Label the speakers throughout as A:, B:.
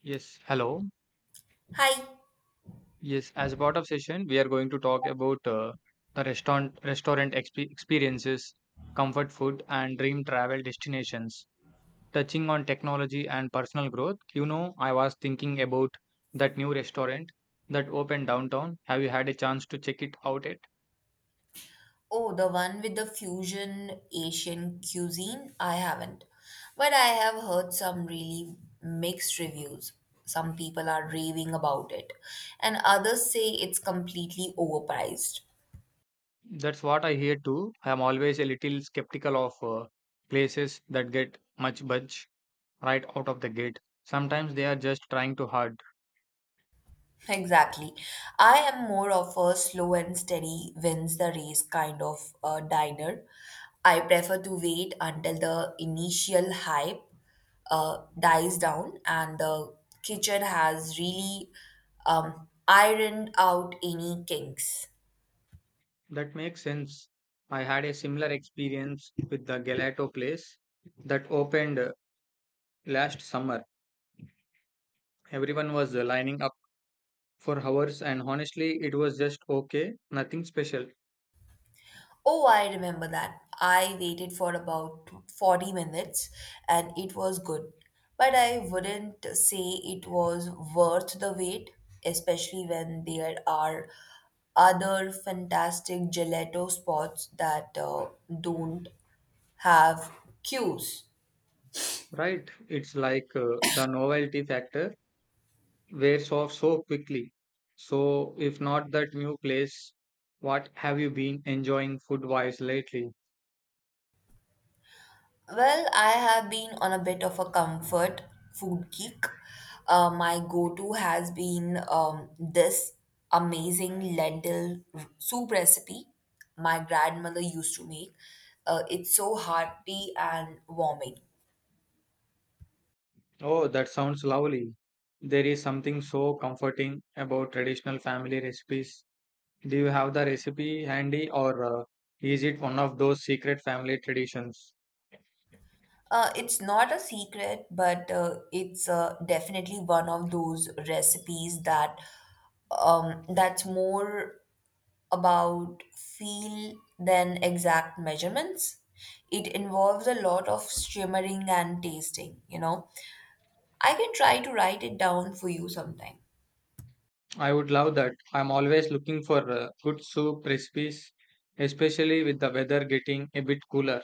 A: Yes, hello.
B: Hi.
A: Yes, as a part of session, we are going to talk about the restaurant experiences, comfort food, and dream travel destinations. Touching on technology and personal growth, you know, I was thinking about that new restaurant that opened downtown. Have you had a chance to check it out yet?
B: Oh, the one with the fusion Asian cuisine? I haven't. But I have heard some really mixed reviews. Some people are raving about it, and others say it's completely overpriced.
A: That's what I hear too. I am always a little skeptical of places that get much budge right out of the gate. Sometimes they are just trying too hard.
B: Exactly. I am more of a slow and steady wins the race kind of diner. I prefer to wait until the initial hype dies down and the kitchen has really ironed out any kinks.
A: That makes sense. I had a similar experience with the gelato place that opened last summer. Everyone was lining up for hours, and honestly, it was just okay, nothing special,
B: Oh, I remember that. I waited for about 40 minutes and it was good. But I wouldn't say it was worth the wait, especially when there are other fantastic gelato spots that don't have queues.
A: right? It's like the novelty factor wears off so quickly. So, if not that new place, what have you been enjoying food wise lately?
B: Well, I have been on a bit of a comfort food kick. My go-to has been this amazing soup recipe my grandmother used to make. It's so hearty and warming.
A: Oh, that sounds lovely. There is something so comforting about traditional family recipes. Do you have the recipe handy, or is it one of those secret family traditions?
B: It's not a secret, but it's definitely one of those recipes that that's more about feel than exact measurements. It involves a lot of shimmering and tasting. I can try to write it down for you sometime.
A: I would love that. I'm always looking for good soup recipes, especially with the weather getting a bit cooler.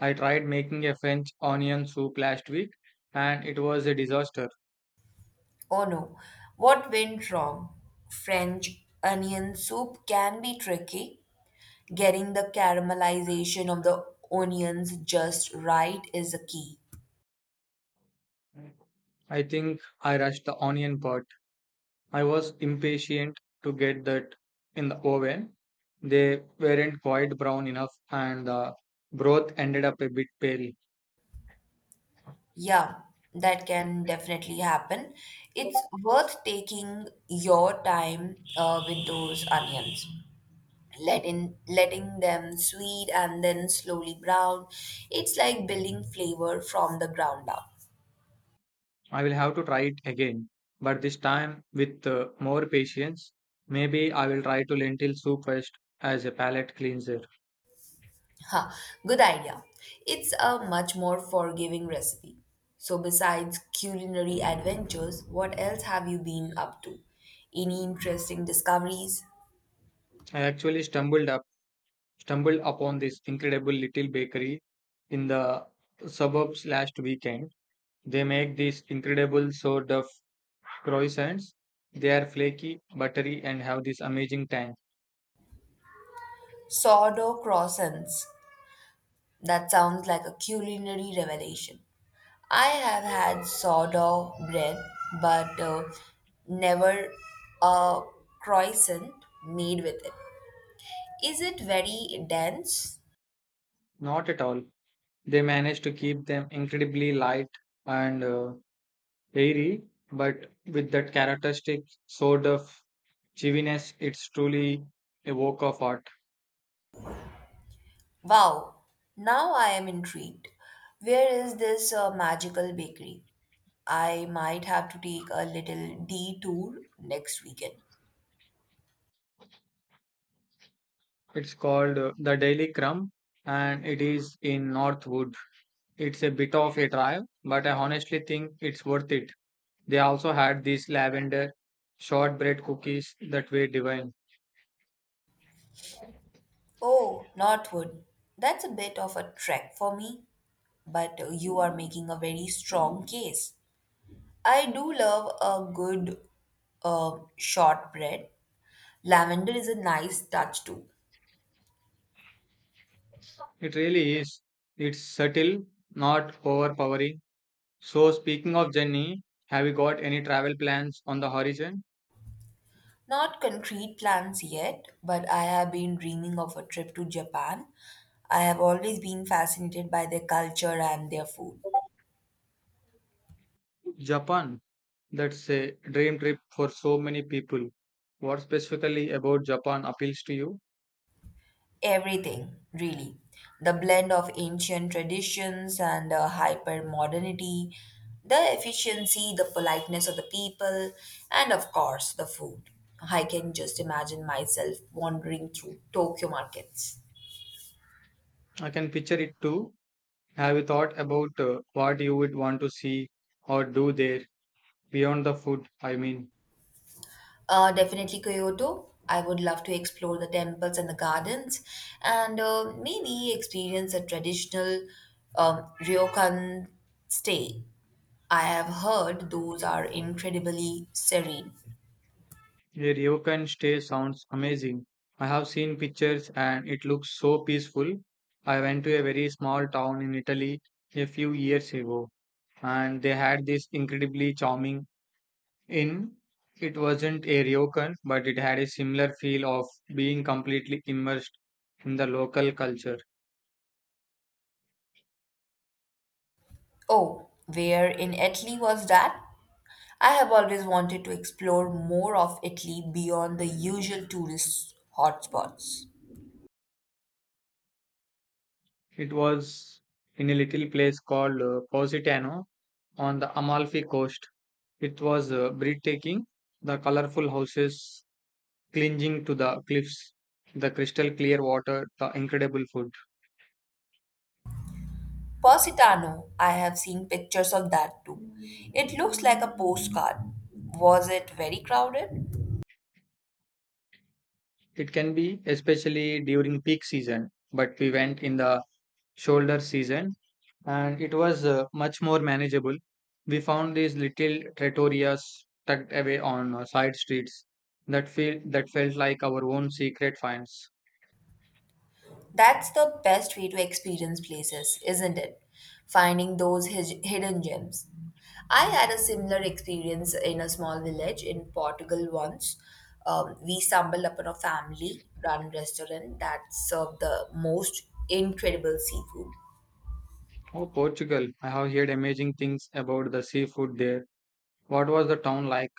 A: I tried making a French onion soup last week and it was a disaster.
B: Oh no, what went wrong? French onion soup can be tricky. Getting the caramelization of the onions just right is the key.
A: I think I rushed the onion part. I was impatient to get that in the oven. They weren't quite brown enough and the broth ended up a bit pale.
B: Yeah, that can definitely happen. It's worth taking your time with those onions. Letting them sweet and then slowly brown. It's like building flavor from the ground up.
A: I will have to try it again, but this time with more patience. Maybe I will try to lentil soup first as a palate cleanser.
B: Huh, good idea. It's a much more forgiving recipe. So besides culinary adventures, what else have you been up to? Any interesting discoveries?
A: I actually stumbled up stumbled upon this incredible little bakery in the suburbs last weekend. They make these incredible sort of croissants. They are flaky, buttery, and have this amazing tang.
B: Sourdough croissants. That sounds like a culinary revelation. I have had sourdough bread, but never a croissant made with it. Is it very dense?
A: Not at all. They manage to keep them incredibly light and airy, but with that characteristic sort of chiviness. It's truly a work of art.
B: Wow, now I am intrigued. Where is this magical bakery? I might have to take a little detour next weekend.
A: It's called The Daily Crumb and it is in Northwood. It's a bit of a drive, but I honestly think it's worth it. They also had these lavender shortbread cookies that were divine.
B: Oh, Northwood. That's a bit of a trek for me, but you are making a very strong case. I do love a good shortbread. Lavender is a nice touch too.
A: It really is. It's subtle, not overpowering. So, speaking of Jenny, have you got any travel plans on the horizon?
B: Not concrete plans yet, but I have been dreaming of a trip to Japan. I have always been fascinated by their culture and their food.
A: Japan. That's a dream trip for so many people. What specifically about Japan appeals to you?
B: Everything, really. The blend of ancient traditions and hyper modernity, the efficiency, the politeness of the people, and of course, the food. I can just imagine myself wandering through Tokyo markets.
A: I can picture it too. Have you thought about what you would want to see or do there beyond the food? I mean,
B: Definitely Kyoto. I would love to explore the temples and the gardens and maybe experience a traditional ryokan stay. I have heard those are incredibly serene.
A: a ryokan stay sounds amazing. I have seen pictures and it looks so peaceful. I went to a very small town in Italy a few years ago and they had this incredibly charming In, it wasn't a ryokan, but it had a similar feel of being completely immersed in the local culture.
B: Oh, where in Italy was that? I have always wanted to explore more of Italy beyond the usual tourist hotspots.
A: It was in a little place called Positano on the Amalfi coast. It was breathtaking, the colorful houses clinging to the cliffs, the crystal clear water, the incredible food.
B: Positano, I have seen pictures of that too. It looks like a postcard. Was it very crowded?
A: It can be, especially during peak season, but we went in the shoulder season and it was much more manageable. We found these little trattorias tucked away on side streets that feel that felt like our own secret finds.
B: That's the best way to experience places, isn't it? Finding those hidden gems. I had a similar experience in a small village in Portugal once. We stumbled upon a family run restaurant that served the most incredible seafood.
A: Oh, Portugal! I have heard amazing things about the seafood there. What was the town like?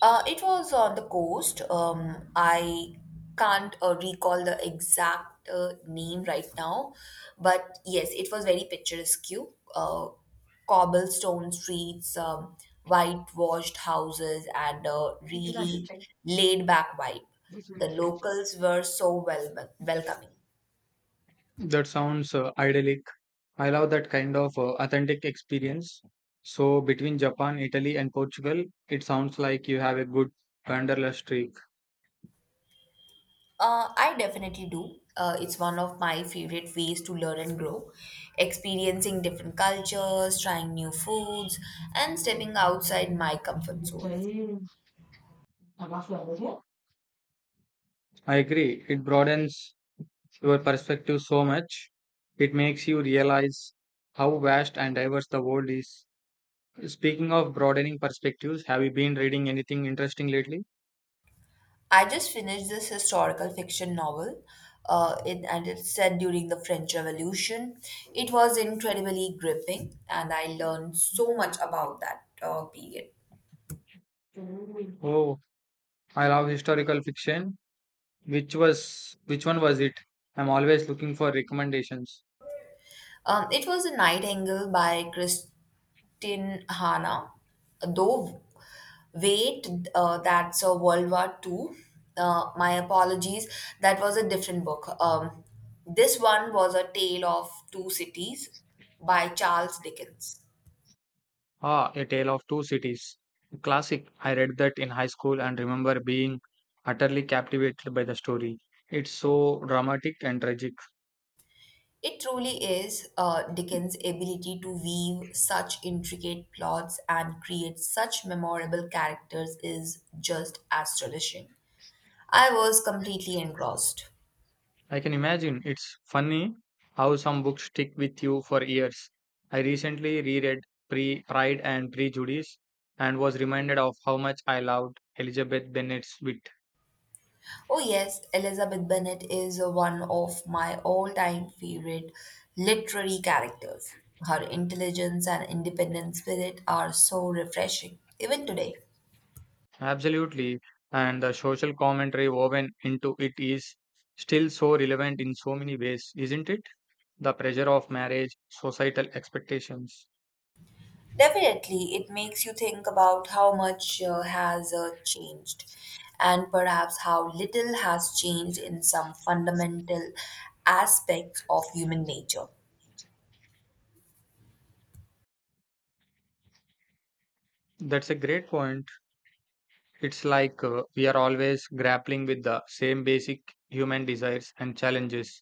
B: It was on the coast. I can't recall the exact name right now, but yes, it was very picturesque. Uh, Cobblestone streets, whitewashed houses, and a really laid back vibe. The locals were so welcoming.
A: That sounds idyllic. I love that kind of authentic experience. So between Japan, Italy, and Portugal, it sounds like you have a good wanderlust streak.
B: I definitely do. It's one of my favorite ways to learn and grow. Experiencing different cultures, trying new foods, and stepping outside my comfort zone.
A: I agree. It broadens your perspective so much. It makes you realize how vast and diverse the world is. Speaking of broadening perspectives, have you been reading anything interesting lately?
B: I just finished this historical fiction novel, and it's set during the French Revolution. It was incredibly gripping, and I learned so much about that period.
A: Oh, I love historical fiction. Which one was it? I'm always looking for recommendations.
B: It was *The Nightingale by Chris, Tinhana, though wait, that's a World War Two. My apologies, that was a different book. This one was A Tale of Two Cities by Charles Dickens.
A: Ah, A Tale of Two Cities. Classic. I read that in high school and remember being utterly captivated by the story. It's so dramatic and tragic.
B: It truly is Dickens' ability to weave such intricate plots and create such memorable characters is just astonishing. I was completely engrossed.
A: I can imagine. It's funny how some books stick with you for years. I recently reread Pre Pride and Prejudice and was reminded of how much I loved Elizabeth Bennet's wit.
B: Oh, yes, Elizabeth Bennet is one of my all time favorite literary characters. Her intelligence and independent spirit are so refreshing, even today.
A: Absolutely, and the social commentary woven into it is still so relevant in so many ways, isn't it? The pressure of marriage, societal expectations.
B: Definitely, it makes you think about how much has changed, and perhaps how little has changed in some fundamental aspects of human nature.
A: That's a great point. It's like we are always grappling with the same basic human desires and challenges,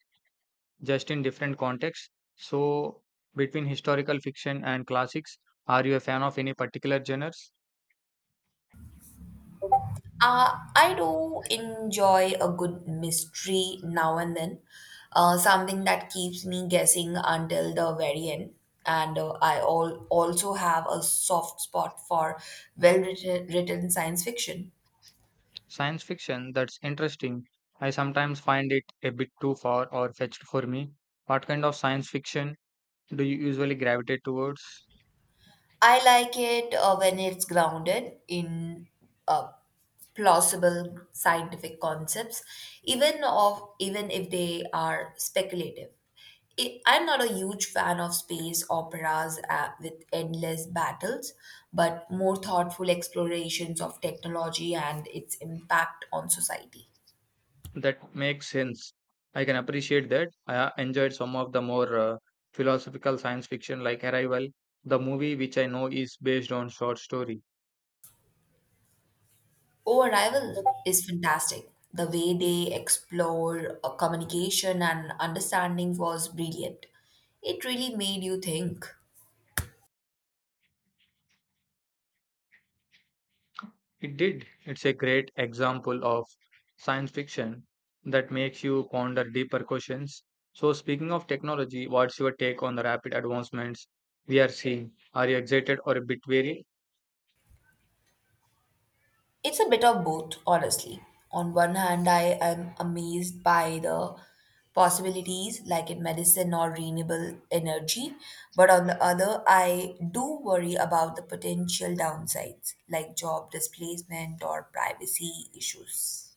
A: just in different contexts. So, between historical fiction and classics, are you a fan of any particular genres?
B: Uh, I do enjoy a good mystery now and then, something that keeps me guessing until the very end. And I all also have a soft spot for well written science fiction.
A: Science fiction, that's interesting. I sometimes find it a bit too far or fetched for me. What kind of science fiction do you usually gravitate towards?
B: I like it when it's grounded in uh, plausible scientific concepts, even if they are speculative. I'm not a huge fan of space operas with endless battles, but more thoughtful explorations of technology and its impact on society.
A: That makes sense. I can appreciate that. I enjoyed some of the more philosophical science fiction like Arrival, the movie, which I know is based on short story.
B: Oh, Arrival is fantastic. The way they explore communication and understanding was brilliant. It really made you think.
A: It did. It's a great example of science fiction that makes you ponder deeper questions. So, speaking of technology, what's your take on the rapid advancements we are seeing? Are you excited or a bit wary?
B: It's a bit of both, honestly. On one hand, I am amazed by the possibilities like in medicine or renewable energy, but on the other, I do worry about the potential downsides like job displacement or privacy issues.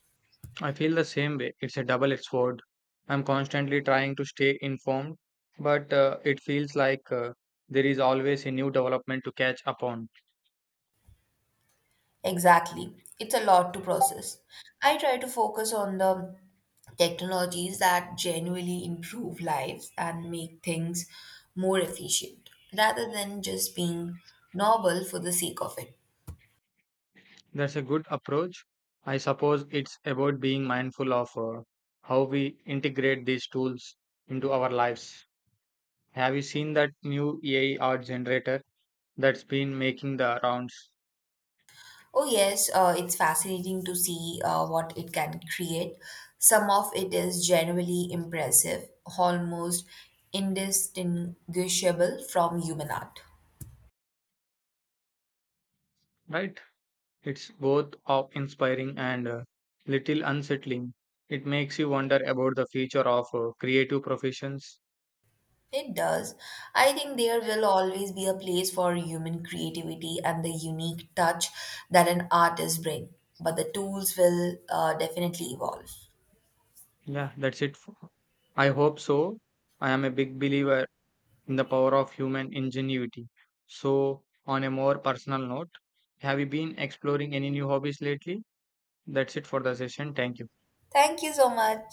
A: I feel the same way. It's a double edged sword. I'm constantly trying to stay informed, but it feels like there is always a new development to catch up on.
B: Exactly. It's a lot to process. I try to focus on the technologies that genuinely improve lives and make things more efficient rather than just being novel for the sake of it.
A: That's a good approach. I suppose it's about being mindful of how we integrate these tools into our lives. Have you seen that new AI art generator that's been making the rounds?
B: Oh, yes, it's fascinating to see what it can create. Some of it is genuinely impressive, almost indistinguishable from human art.
A: Right? It's both awe inspiring and a little unsettling. It makes you wonder about the future of creative professions.
B: It does. I think there will always be a place for human creativity and the unique touch that an artist brings, but the tools will definitely evolve.
A: Yeah, that's it. I hope so. I am a big believer in the power of human ingenuity. So, on a more personal note, have you been exploring any new hobbies lately? That's it for the session. Thank you.
B: Thank you so much.